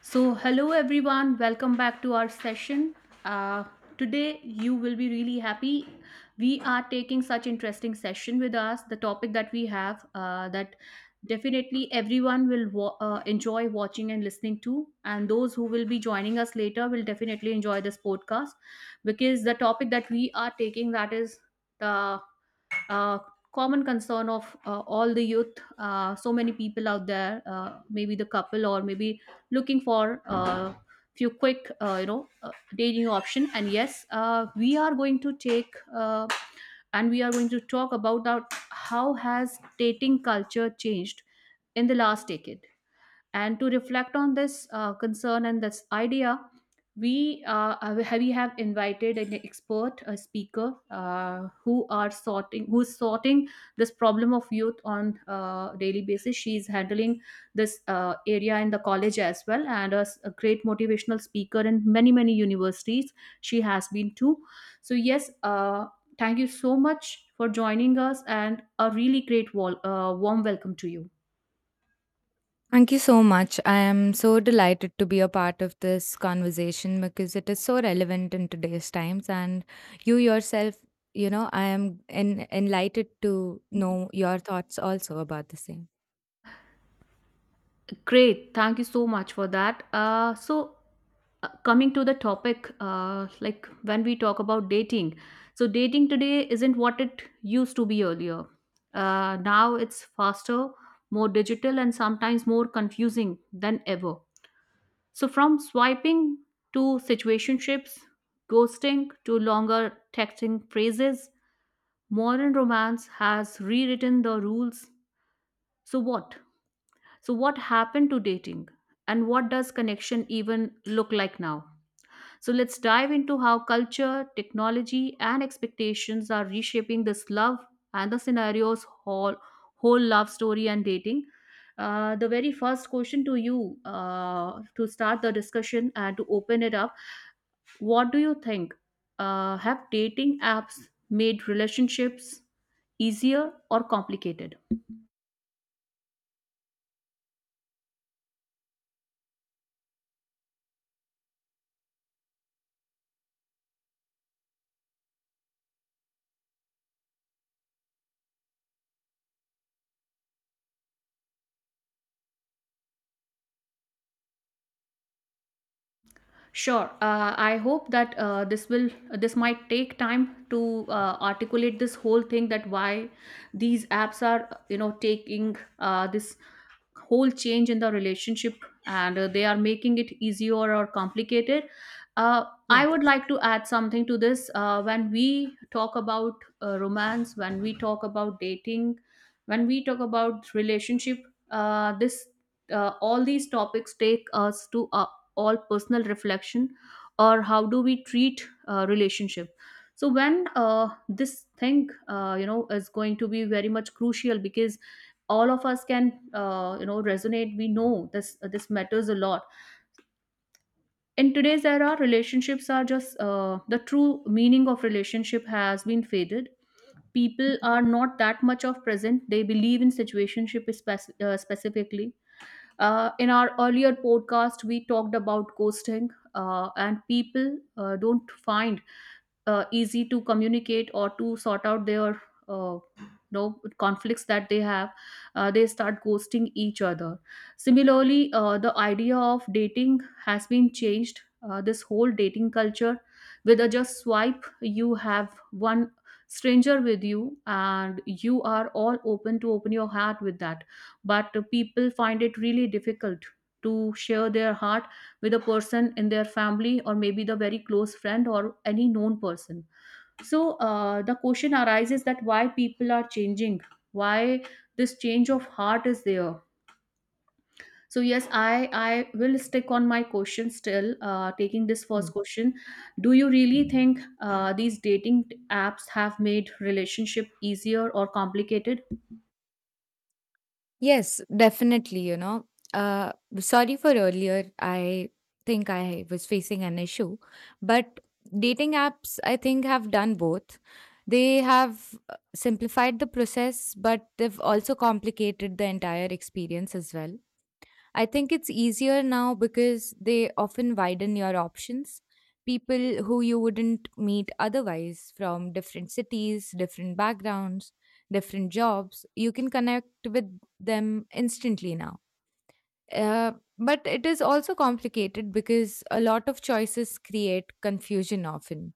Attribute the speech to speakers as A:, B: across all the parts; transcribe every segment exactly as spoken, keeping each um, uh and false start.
A: So, hello everyone, welcome back to our session. Uh, Today, you will be really happy. We are taking such interesting session with us. The topic that we have uh, that definitely everyone will wa- uh, enjoy watching and listening to, and those who will be joining us later will definitely enjoy this podcast because the topic that we are taking that is the uh, common concern of uh, all the youth, uh, so many people out there, uh, maybe the couple or maybe looking for uh, few quick uh, you know uh, dating option. And yes, uh, we are going to take uh, and we are going to talk about that how has dating culture changed in the last decade. And to reflect on this uh, concern and this idea, we uh, have- we have invited an expert, a speaker, uh, who are sorting who's sorting this problem of youth on a daily basis. She's handling this uh, area in the college as well, and a, s- a great motivational speaker in many many universities she has been to. So yes, uh, thank you so much for joining us, and a really great wall, uh, warm welcome to you.
B: Thank you so much. I am so delighted to be a part of this conversation because it is so relevant in today's times. And you yourself, you know, I am en- enlightened to know your thoughts also about the same.
A: Great, thank you so much for that. Uh, so, uh, coming to the topic, uh, like when we talk about dating, so dating today isn't what it used to be earlier. Uh, now it's faster, more digital, and sometimes more confusing than ever. So, from swiping to situationships, ghosting to longer texting phrases, modern romance has rewritten the rules. So, what? So, what happened to dating? And what does connection even look like now? So, let's dive into how culture, technology, and expectations are reshaping this love and the scenarios whole, whole love story and dating. Uh, the very first question to you, uh, to start the discussion and to open it up, what do you think? Uh, have dating apps made relationships easier or complicated? Sure. Uh, I hope that, uh, this will this might take time to uh, articulate this whole thing, that why these apps are, you know, taking uh, this whole change in the relationship, and uh, they are making it easier or complicated. Uh, I would
B: Yes.
A: like to add something to this. Uh, when we talk about uh, romance, when we talk about dating, when we talk about relationship, uh, this uh, all these topics take us to a all personal reflection or how do we treat uh, relationship. So when uh, this thing, uh, you know, is going to be very much crucial, because all of us can, uh, you know, resonate, we know this, uh, this matters a lot. In today's era, relationships are just, uh, the true meaning of relationship has been faded. People are not that much of present, they believe in situationship, spec- uh, specifically. Uh, in our earlier podcast, we talked about ghosting, uh, and people uh, don't find uh, easy to communicate or to sort out their, uh, you know, conflicts that they have. Uh, they start ghosting each other. Similarly, uh, the idea of dating has been changed. Uh, this whole dating culture, with a just swipe you have one stranger with you and you are all open to open your heart with that, but people find it really difficult to share their heart with a person in their family, or maybe the very close friend, or any known person. So uh, the question arises, that why people are changing, why this change of heart is there. So yes, i i will stick on my question still, uh, taking this
B: Yeah.
A: first question, do you really think uh, these dating apps have made relationship easier or complicated?
B: Yes, definitely, you know. Uh, Sorry for earlier. I think I was facing an issue, but dating apps, I think, have done both. They have uh, simplified the process, but they've also complicated the entire experience as well. I think it's easier now because they often widen your options. People who you wouldn't meet otherwise, from different cities, different backgrounds, different jobs, you can connect with them instantly now. Uh, but it is also complicated because a lot of choices create confusion often.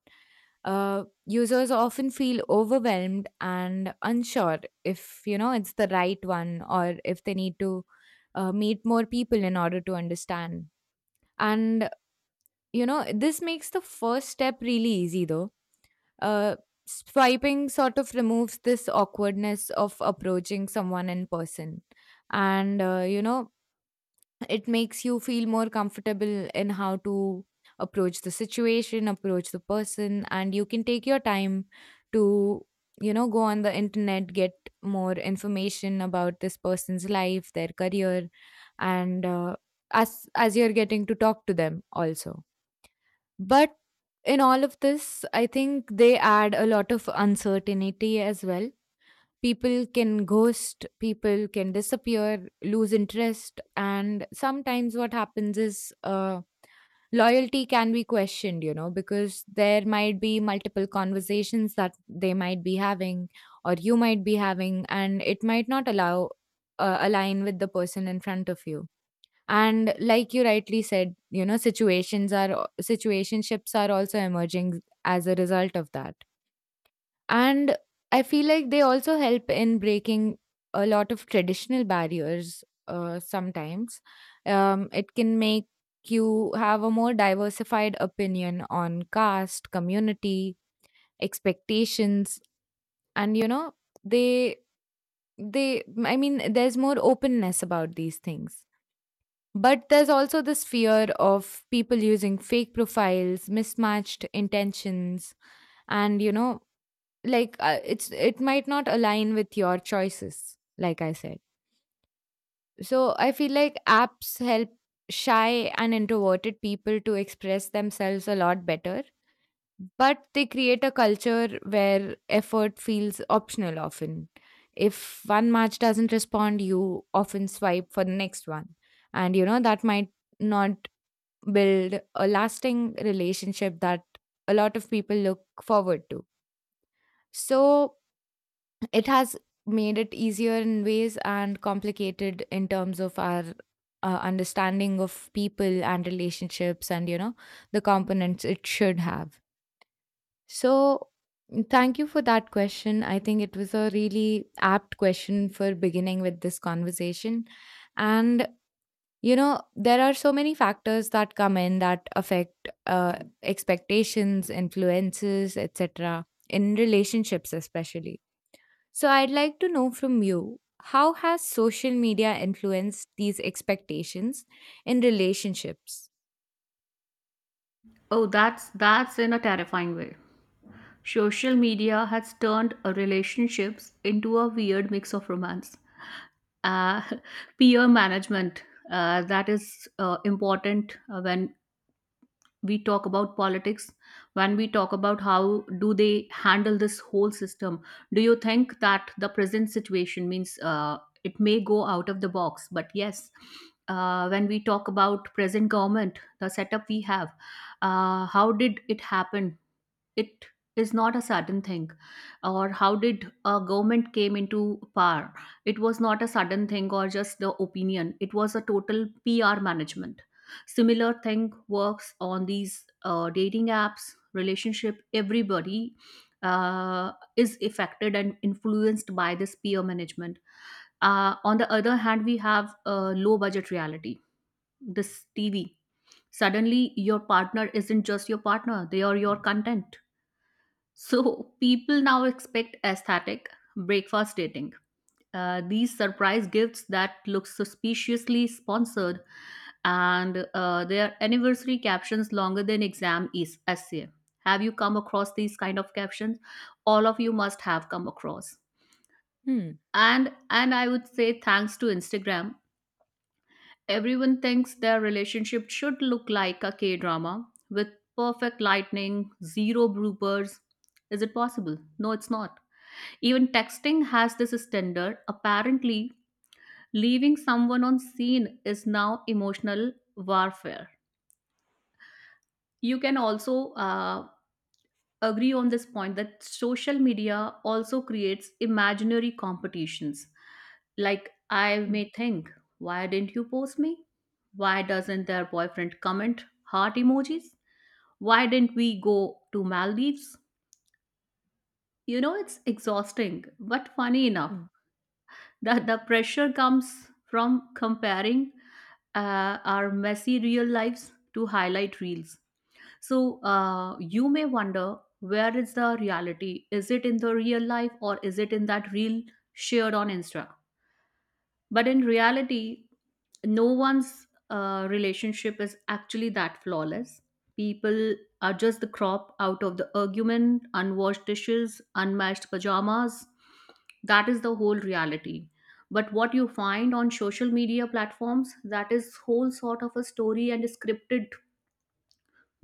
B: uh, Users often feel overwhelmed and unsure if, you know, it's the right one, or if they need to uh, meet more people in order to understand. And, you know, this makes the first step really easy, though. uh, Swiping sort of removes this awkwardness of approaching someone in person. And, uh, you know, it makes you feel more comfortable in how to approach the situation, approach the person, and you can take your time to, you know, go on the internet, get more information about this person's life, their career, and uh, as as you're getting to talk to them also. But in all of this, I think they add a lot of uncertainty as well. People can ghost, people can disappear, lose interest, and sometimes what happens is, uh, loyalty can be questioned, you know, because there might be multiple conversations that they might be having or you might be having, and it might not allow uh, align with the person in front of you. And, like you rightly said, you know, situations are situationships are also emerging as a result of that. And I feel like they also help in breaking a lot of traditional barriers, uh, sometimes. Um, it can make you have a more diversified opinion on caste, community, expectations, and, you know, they they I mean, there's more openness about these things. But there's also this fear of people using fake profiles, mismatched intentions, and, you know, like, uh, it's it might not align with your choices, like I said. So I feel like apps help shy and introverted people to express themselves a lot better, but they create a culture where effort feels optional often. If one match doesn't respond, you often swipe for the next one, and, you know, that might not build a lasting relationship that a lot of people look forward to. So it has made it easier in ways and complicated in terms of our uh, understanding of people and relationships and, you know, the components it should have. So, thank you for that question. I think it was a really apt question for beginning with this conversation. And, you know, there are so many factors that come in that affect uh, expectations, influences, etc., in relationships, especially. So I'd like to know from you, how has social media influenced these expectations in relationships?
A: Oh, that's that's in a terrifying way. Social media has turned uh, relationships into a weird mix of romance, uh, peer management. Uh, that is uh, important. Uh, when we talk about politics, when we talk about how do they handle this whole system, do you think that the present situation means, uh, it may go out of the box, but yes, uh, when we talk about present government, the setup we have, uh, how did it happen? It is not a sudden thing. Or how did a government came into power? It was not a sudden thing, or just the opinion, it was a total PR management. Similar thing works on these uh, dating apps, relationship. Everybody uh, is affected and influenced by this peer management. Uh, on the other hand, we have a low budget reality, this TV. Suddenly your partner isn't just your partner, they are your content. So, people now expect aesthetic breakfast dating. Uh, these surprise gifts that look suspiciously sponsored, and uh, their anniversary captions longer than exam is essay. Have you come across these kind of captions? All of you must have come across.
B: Hmm.
A: And and I would say thanks to Instagram, everyone thinks their relationship should look like a K-drama with perfect lightning, zero bloopers. Is it possible? No, it's not. Even texting has this standard. Apparently, leaving someone on scene is now emotional warfare. You can also uh, agree on this point that social media also creates imaginary competitions. Like, I
B: Hmm.
A: may think, why didn't you post me? Why doesn't their boyfriend comment heart emojis? Why didn't we go to Maldives? You know, it's exhausting, but funny enough.
B: Hmm.
A: the the pressure comes from comparing uh, our messy real lives to highlight reels. So uh, you may wonder, where is the reality? Is it in the real life, or is it in that reel shared on insta? But in reality, no one's uh, relationship is actually that flawless. People are just the crop out of the argument, unwashed dishes, unmatched pajamas. That is the whole reality. But what you find on social media platforms, that is whole sort of a story, and scripted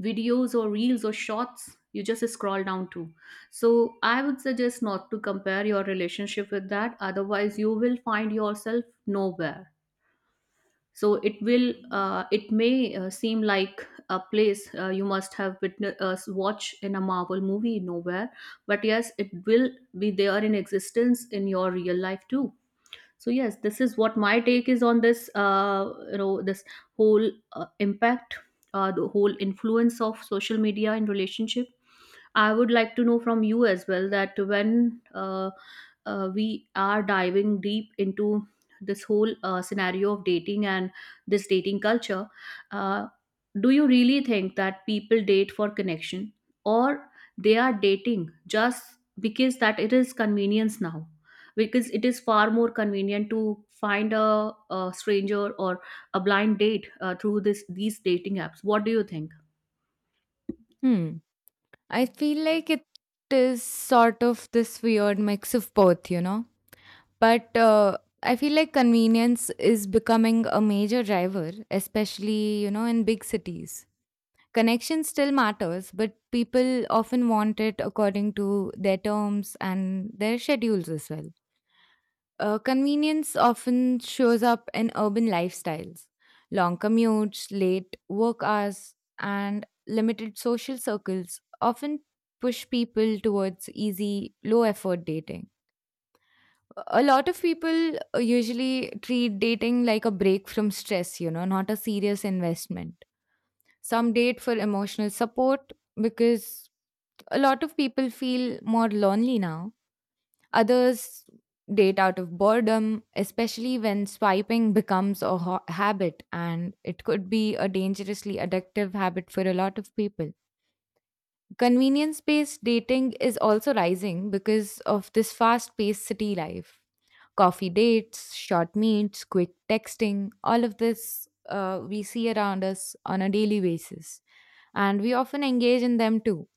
A: videos or reels or shots you just scroll down to. So I would suggest not to compare your relationship with that. Otherwise, you will find yourself nowhere. So it will, uh, it may uh, seem like a place uh, you must have witnessed, uh, watch in a marvel movie nowhere. But yes, it will be there in existence in your real life too. So yes, this is what my take is on this, uh, you know this whole uh, impact, uh, the whole influence of social media in relationship. I would like to know from you as well, that when uh, uh, we are diving deep into this whole uh, scenario of dating and this dating culture, uh, do you really think that people date for connection, or they are dating just because that it is convenience now? Because it is far more convenient to find a, a stranger, or a blind date uh, through this these dating apps. What do you think?
B: Hmm. I feel like it is sort of this weird mix of both, you know. But uh, I feel like convenience is becoming a major driver, especially, you know, in big cities. Connection still matters, but people often want it according to their terms and their schedules as well. Uh, convenience often shows up in urban lifestyles: long commutes, late work hours, and limited social circles often push people towards easy, low effort dating. A lot of people uh, usually treat dating like a break from stress, you know, not a serious investment. Some date for emotional support because a lot of people feel more lonely now. Others date out of boredom, especially when swiping becomes a ho- habit, and it could be a dangerously addictive habit for a lot of people. Convenience based dating is also rising because of this fast paced city life. Coffee dates, short meets, quick texting, all of this, uh, we see around us on a daily basis. And we often engage in them too.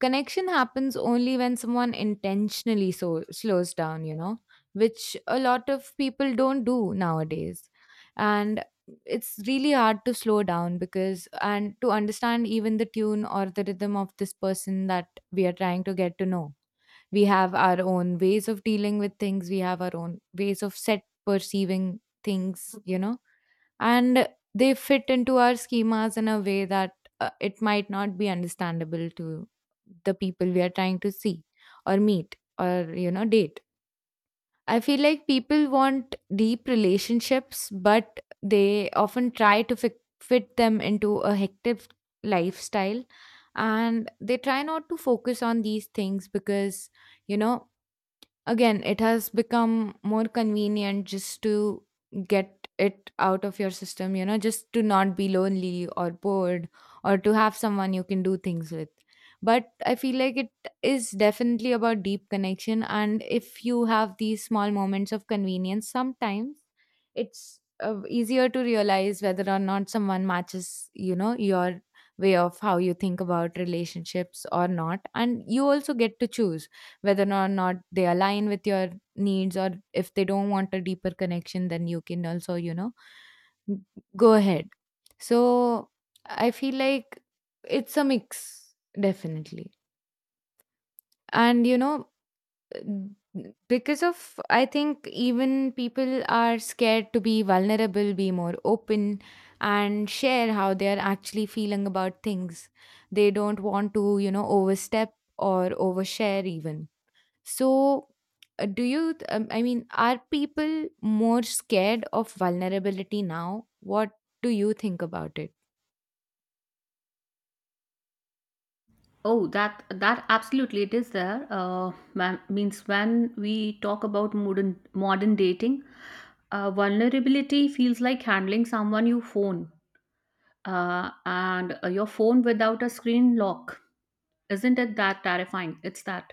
B: Connection happens only when someone intentionally so slows down, you know, which a lot of people don't do nowadays. And it's really hard to slow down, because, and to understand even the tune or the rhythm of this person that we are trying to get to know. We have our own ways of dealing with things, we have our own ways of set perceiving things, you know. And they fit into our schemas in a way that, uh, it might not be understandable to the people we are trying to see or meet or, you know, date. I feel like people want deep relationships, but they often try to fi- fit them into a hectic lifestyle. And they try not to focus on these things because, you know, again, it has become more convenient just to get it out of your system, you know, just to not be lonely or bored, or to have someone you can do things with. But I feel like it is definitely about deep connection. And if you have these small moments of convenience, sometimes it's uh, easier to realize whether or not someone matches, you know, your way of how you think about relationships or not. And you also get to choose whether or not they align with your needs, or if they don't want a deeper connection, then you can also, you know, n- go ahead. So I feel like it's a mix, definitely. And, you know, n- because of, I think, even people are scared to be vulnerable, be more open, and share how they are actually feeling about things. They don't want to, you know, overstep or overshare even. So, uh, do you, th- um, I mean, are people more scared of vulnerability now? What do you think about it?
A: Oh, that that absolutely it is there. Uh, ma- means, when we talk about modern modern dating, uh, vulnerability feels like handling someone you phone, uh, and uh, your phone without a screen lock. Isn't it that terrifying? It's that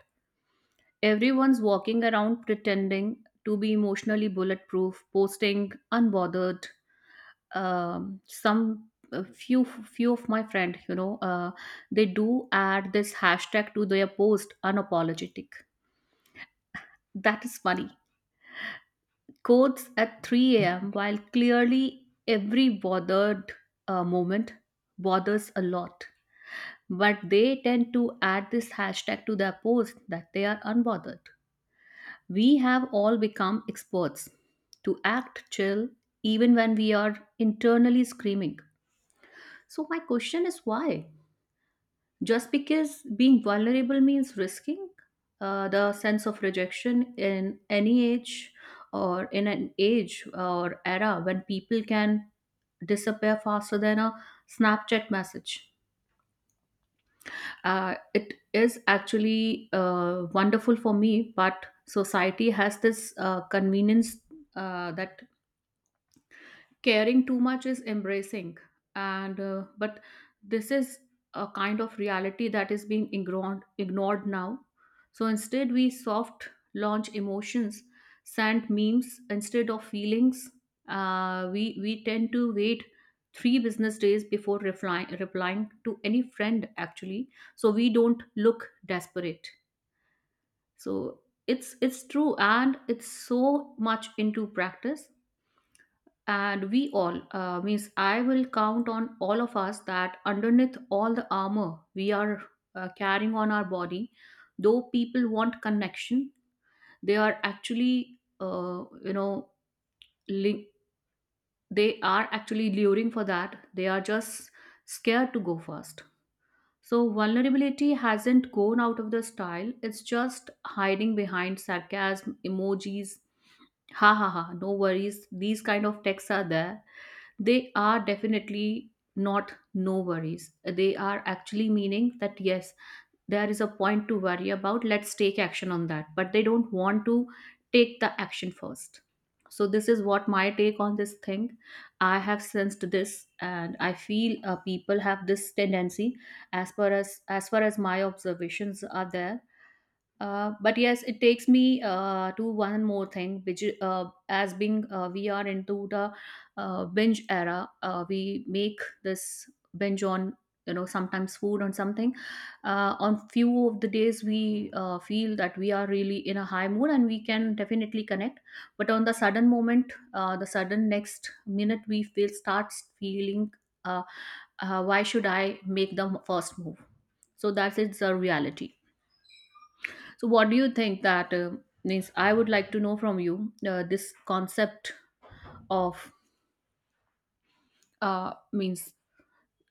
A: everyone's walking around pretending to be emotionally bulletproof, posting unbothered. Um, some A few few of my friend, you know, uh, they do add this hashtag to their post, unapologetic. That is funny. Quotes at three a m a.m while clearly every bothered uh, moment bothers a lot, but they tend to add this hashtag to their post that they are unbothered. We have all become experts to act chill, even when we are internally screaming. So my question is, why? Just because being vulnerable means risking uh, the sense of rejection, in any age, or in an age or era when people can disappear faster than a snapchat message. Uh, it is actually uh, wonderful for me, but society has this uh, convenience, uh, that caring too much is embracing. And uh, but this is a kind of reality that is being ignored ignored now. So instead we soft launch emotions, send memes instead of feelings. Uh, we we tend to wait three business days before replying replying to any friend, actually, so we don't look desperate. So it's it's true, and it's so much into practice. And we all, uh, means, I will count on all of us that underneath all the armor we are uh, carrying on our body, though people want connection, they are actually, uh, you know li- they are actually luring for that, they are just scared to go first. So vulnerability hasn't gone out of the style, it's just hiding behind sarcasm emojis. Ha ha ha, no worries, these kind of texts are there. They are definitely not no worries. They are actually meaning that yes, there is a point to worry about. Let's take action on that. But they don't want to take the action first. So, this is what my take on this thing. I have sensed this, and I feel uh, people have this tendency as far as as far as my observations are there, uh, but yes, it takes me uh, to one more thing, which is, uh, as being uh, we are into the uh, binge era. Uh, we make this binge on, you know sometimes food on something. Uh, on few of the days, we uh, feel that we are really in a high mood and we can definitely connect. But on the sudden moment, uh, the sudden next minute, we feel starts feeling. Uh, uh, why should I make the first move? So that is the reality. So, what do you think that uh, means? I would like to know from you, uh, this concept of, uh, means,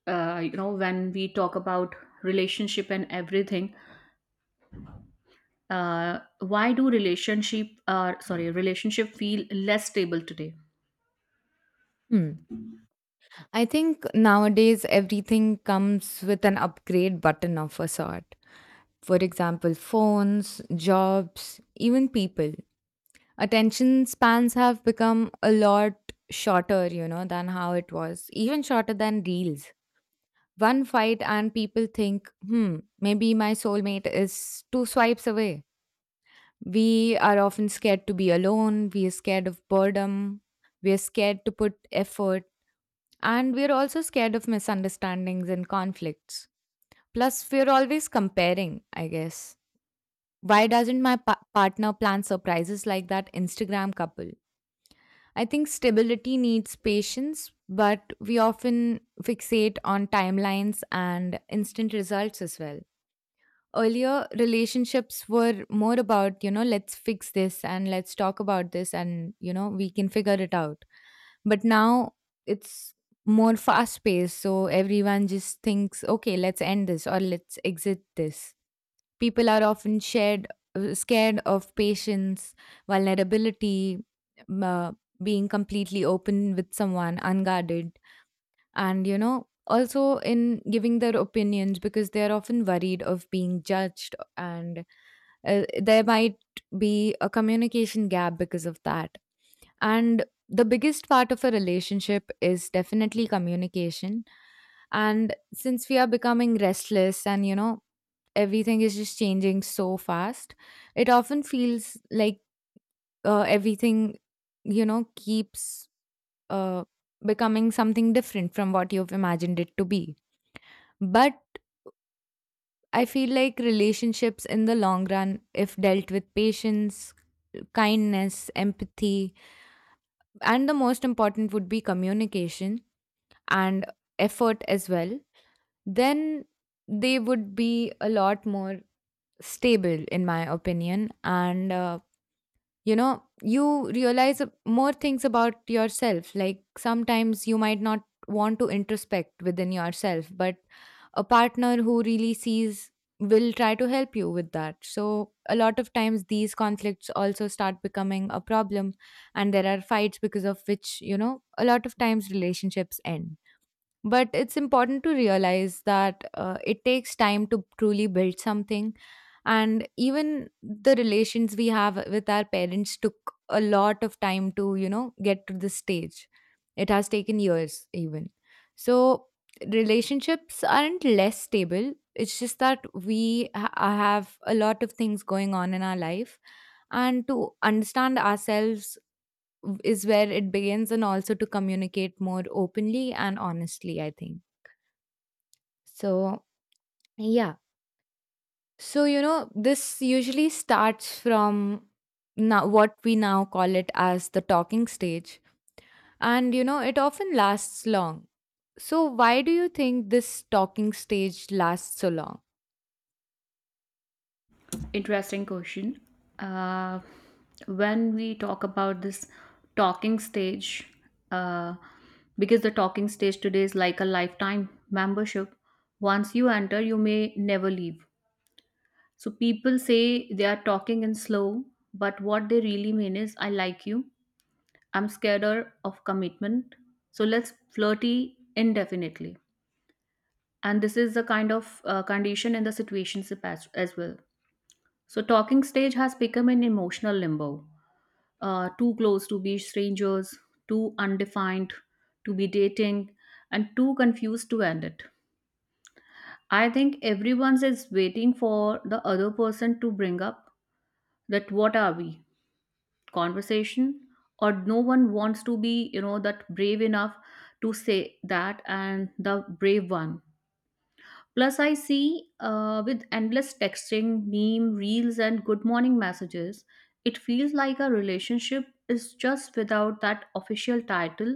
A: uh, you know when we talk about relationship and everything. Uh, why do relationship uh, sorry, relationship feel less stable today?
B: Hmm. I think nowadays everything comes with an upgrade button of a sort. For example, phones, jobs, even people. Attention spans have become a lot shorter, you know, than how it was, even shorter than reels. One fight, and people think, hmm, maybe my soulmate is two swipes away. We are often scared to be alone, we are scared of boredom, we are scared to put effort, and we are also scared of misunderstandings and conflicts. Plus, we are always comparing, I guess. Why doesn't my pa- partner plan surprises like that Instagram couple? I think stability needs patience, but we often fixate on timelines and instant results as well. Earlier, relationships were more about, you know, let's fix this and let's talk about this, and, you know, we can figure it out. But now, it's more fast paced, so everyone just thinks, okay, let's end this or let's exit this. People are often shared, uh, scared of patience, vulnerability, uh, being completely open with someone unguarded. And, you know, also in giving their opinions, because they are often worried of being judged, and uh, there might be a communication gap because of that. And the biggest part of a relationship is definitely communication. And since we are becoming restless and, you know, everything is just changing so fast, it often feels like uh, everything, you know, keeps uh, becoming something different from what you've imagined it to be. But I feel like relationships in the long run, if dealt with patience, kindness, empathy, and the most important would be communication, and effort as well, then they would be a lot more stable, in my opinion. And uh, you know, you realize ab- more things about yourself, like sometimes you might not want to introspect within yourself, but a partner who really sees will try to help you with that. So a lot of times these conflicts also start becoming a problem, and there are fights because of which, you know, a lot of times relationships end. But it's important to realize that uh, it takes time to truly build something. And even the relations we have with our parents took a lot of time to, you know, get to this stage. It has taken years, even. So, relationships aren't less stable. It's just that we ha- uh, have a lot of things going on in our life. And to understand ourselves is where it begins, and also to communicate more openly and honestly, I think. So, yeah. So, you know, this usually starts from now what we now call it as the talking stage. And, you know, it often lasts long. So, why do you think this talking stage lasts so long?
A: Interesting question. Uh, when we talk about this talking stage, uh, because the talking stage today is like a lifetime membership. Once you enter, you may never leave. So people say they are talking in slow, but what they really mean is I like you. I'm scared of commitment. So let's flirty indefinitely. And this is the kind of uh, condition in the situationship as, as well. So talking stage has become an emotional limbo. Uh, too close to be strangers, too undefined to be dating, and too confused to end it. I think everyone is waiting for the other person to bring up that what are we conversation, or no one wants to be, you know that brave enough to say that, and the brave one. Plus I see, uh, with endless texting, meme reels and good morning messages, it feels like a relationship is just without that official title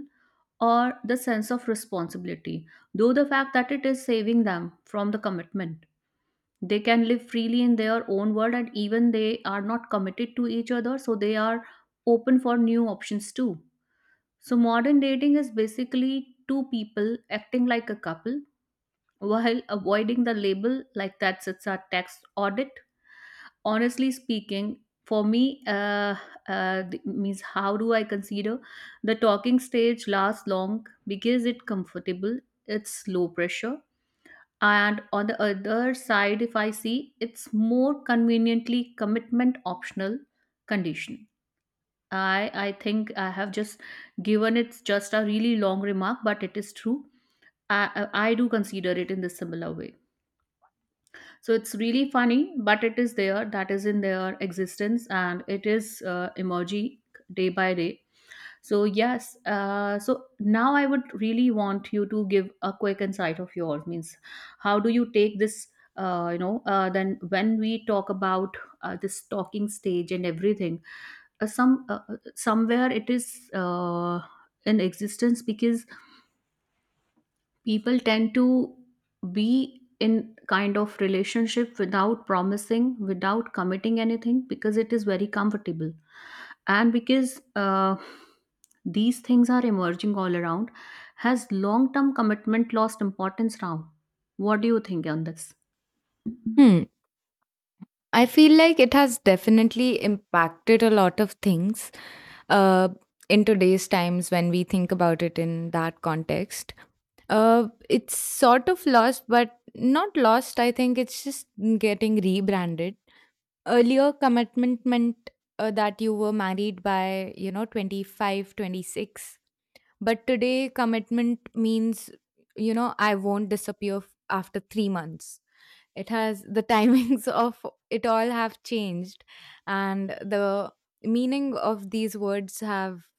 A: or the sense of responsibility, though the fact that it is saving them from the commitment. They can live freely in their own world, and even they are not committed to each other, so they are open for new options too. So modern dating is basically two people acting like a couple while avoiding the label like that it's a tax audit. Honestly speaking, for me uh, uh, th- means, how do I consider the talking stage lasts long? Because it's comfortable, it's low pressure, and on the other side, if I see, it's more conveniently commitment optional condition. I i think I have just given it's just a really long remark, but it is true. I i I do consider it in the similar way. So it's really funny, but it is there, that is in their existence, and it is uh, emerging day by day. So yes, uh, so now I would really want you to give a quick insight of yours. Means, how do you take this? Uh, you know, uh, then when we talk about uh, this talking stage and everything, uh, some uh, uh, somewhere it is uh, in existence because people tend to be in kind of relationship without promising, without committing anything because it is very comfortable, and because uh, these things are emerging all around. Has long term commitment lost importance now? What do you think on this?
B: Hmm. I feel like it has definitely impacted a lot of things uh, in today's times when we think about it in that context. Uh, it's sort of lost, but not lost. I think it's just getting rebranded. Earlier commitment meant, uh, that you were married by, you know, twenty five, twenty six. But today commitment means, you know, I won't disappear f- after three months. It has the timings of it all have changed. And the meaning of these words have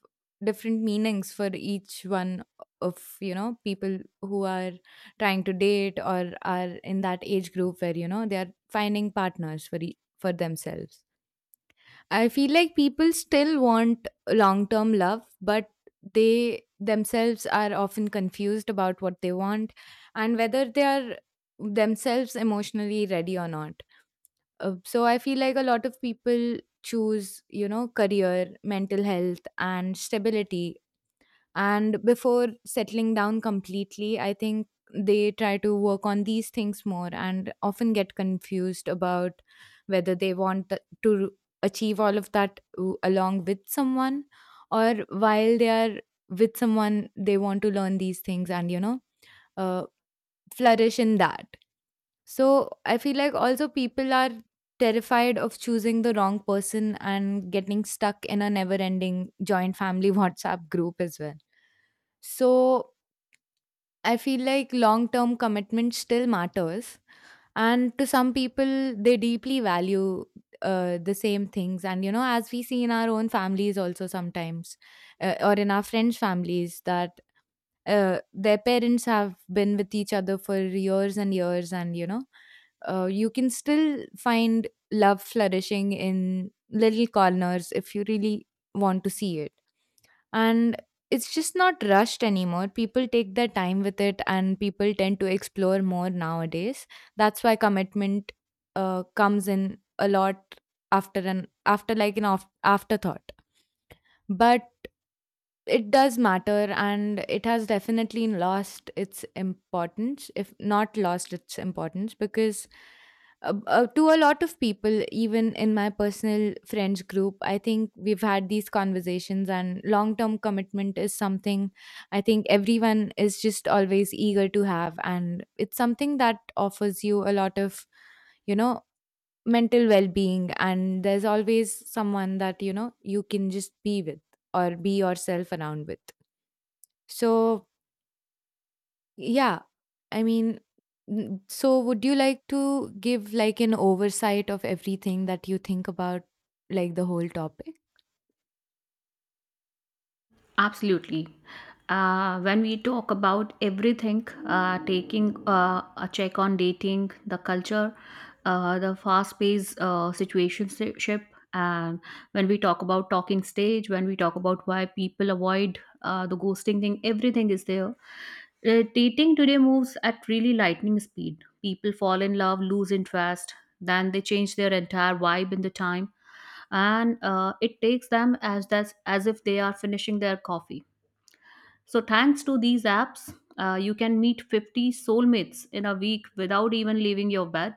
B: different meanings for each one of, you know, people who are trying to date or are in that age group where, you know, they are finding partners for e- for themselves. I feel like people still want long term love, but they themselves are often confused about what they want and whether they are themselves emotionally ready or not. Uh, so I feel like a lot of people choose, you know, career, mental health, and stability, and before settling down completely, I think they try to work on these things more, and often get confused about whether they want th- to achieve all of that w- along with someone, or while they are with someone, they want to learn these things and, you know, uh, flourish in that. So I feel like also people are terrified of choosing the wrong person and getting stuck in a never ending joint family WhatsApp group as well. So I feel like long term commitment still matters. And to some people, they deeply value uh, the same things. And, you know, as we see in our own families also sometimes, uh, or in our friends' families, that uh, their parents have been with each other for years and years, and, you know, uh, you can still find love flourishing in little corners if you really want to see it. And it's just not rushed anymore. People take their time with it, and people tend to explore more nowadays. That's why commitment uh, comes in a lot after, an after like an off, afterthought. But it does matter, and it has definitely lost its importance, if not lost its importance, because uh, uh, to a lot of people, even in my personal friends group, I think we've had these conversations, and long term commitment is something I think everyone is just always eager to have. And it's something that offers you a lot of, you know, mental well-being, and there's always someone that, you know, you can just be with, or be yourself around with. So, yeah. I mean, n- so would you like to give like an oversight of everything that you think about, like, the whole topic?
A: Absolutely. Uh, when we talk about everything, uh, taking uh, a check on dating, the culture, uh, the fast paced uh, situationship, and when we talk about talking stage, when we talk about why people avoid uh, the ghosting thing, everything is there. Uh, dating today moves at really lightning speed. People fall in love, lose interest, then they change their entire vibe in the time, and uh, it takes them as that's as if they are finishing their coffee. So thanks to these apps, uh, you can meet fifty soulmates in a week without even leaving your bed.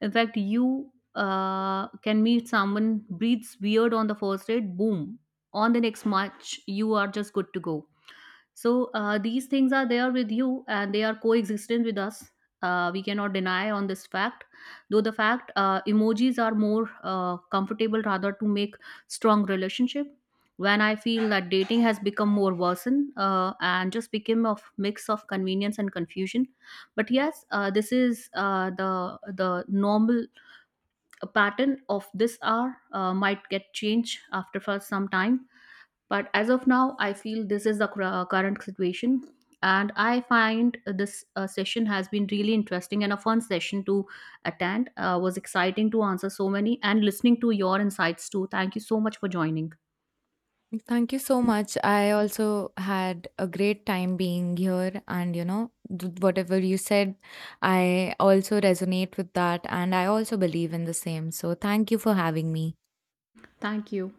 A: In fact, you uh, can meet someone breathes weird on the first date. Boom! On the next match, you are just good to go. So uh, these things are there with you and they are coexistent with us. Uh, we cannot deny on this fact, though the fact uh, emojis are more uh, comfortable rather to make strong relationship. When I feel that dating has become more worsen uh, and just became a mix of convenience and confusion, but yes, uh, this is uh, the the normal pattern of this hour uh, might get changed after for some time, but as of now I feel this is the cur- uh, current situation. And I find this uh, session has been really interesting and a fun session to attend. Uh, was exciting to answer so many and listening to your insights too. Thank you so much for joining.
B: Thank you so much. I also had a great time being here, and, you know, th- whatever you said, I also resonate with that, and I also believe in the same. So thank you for having me.
A: Thank you.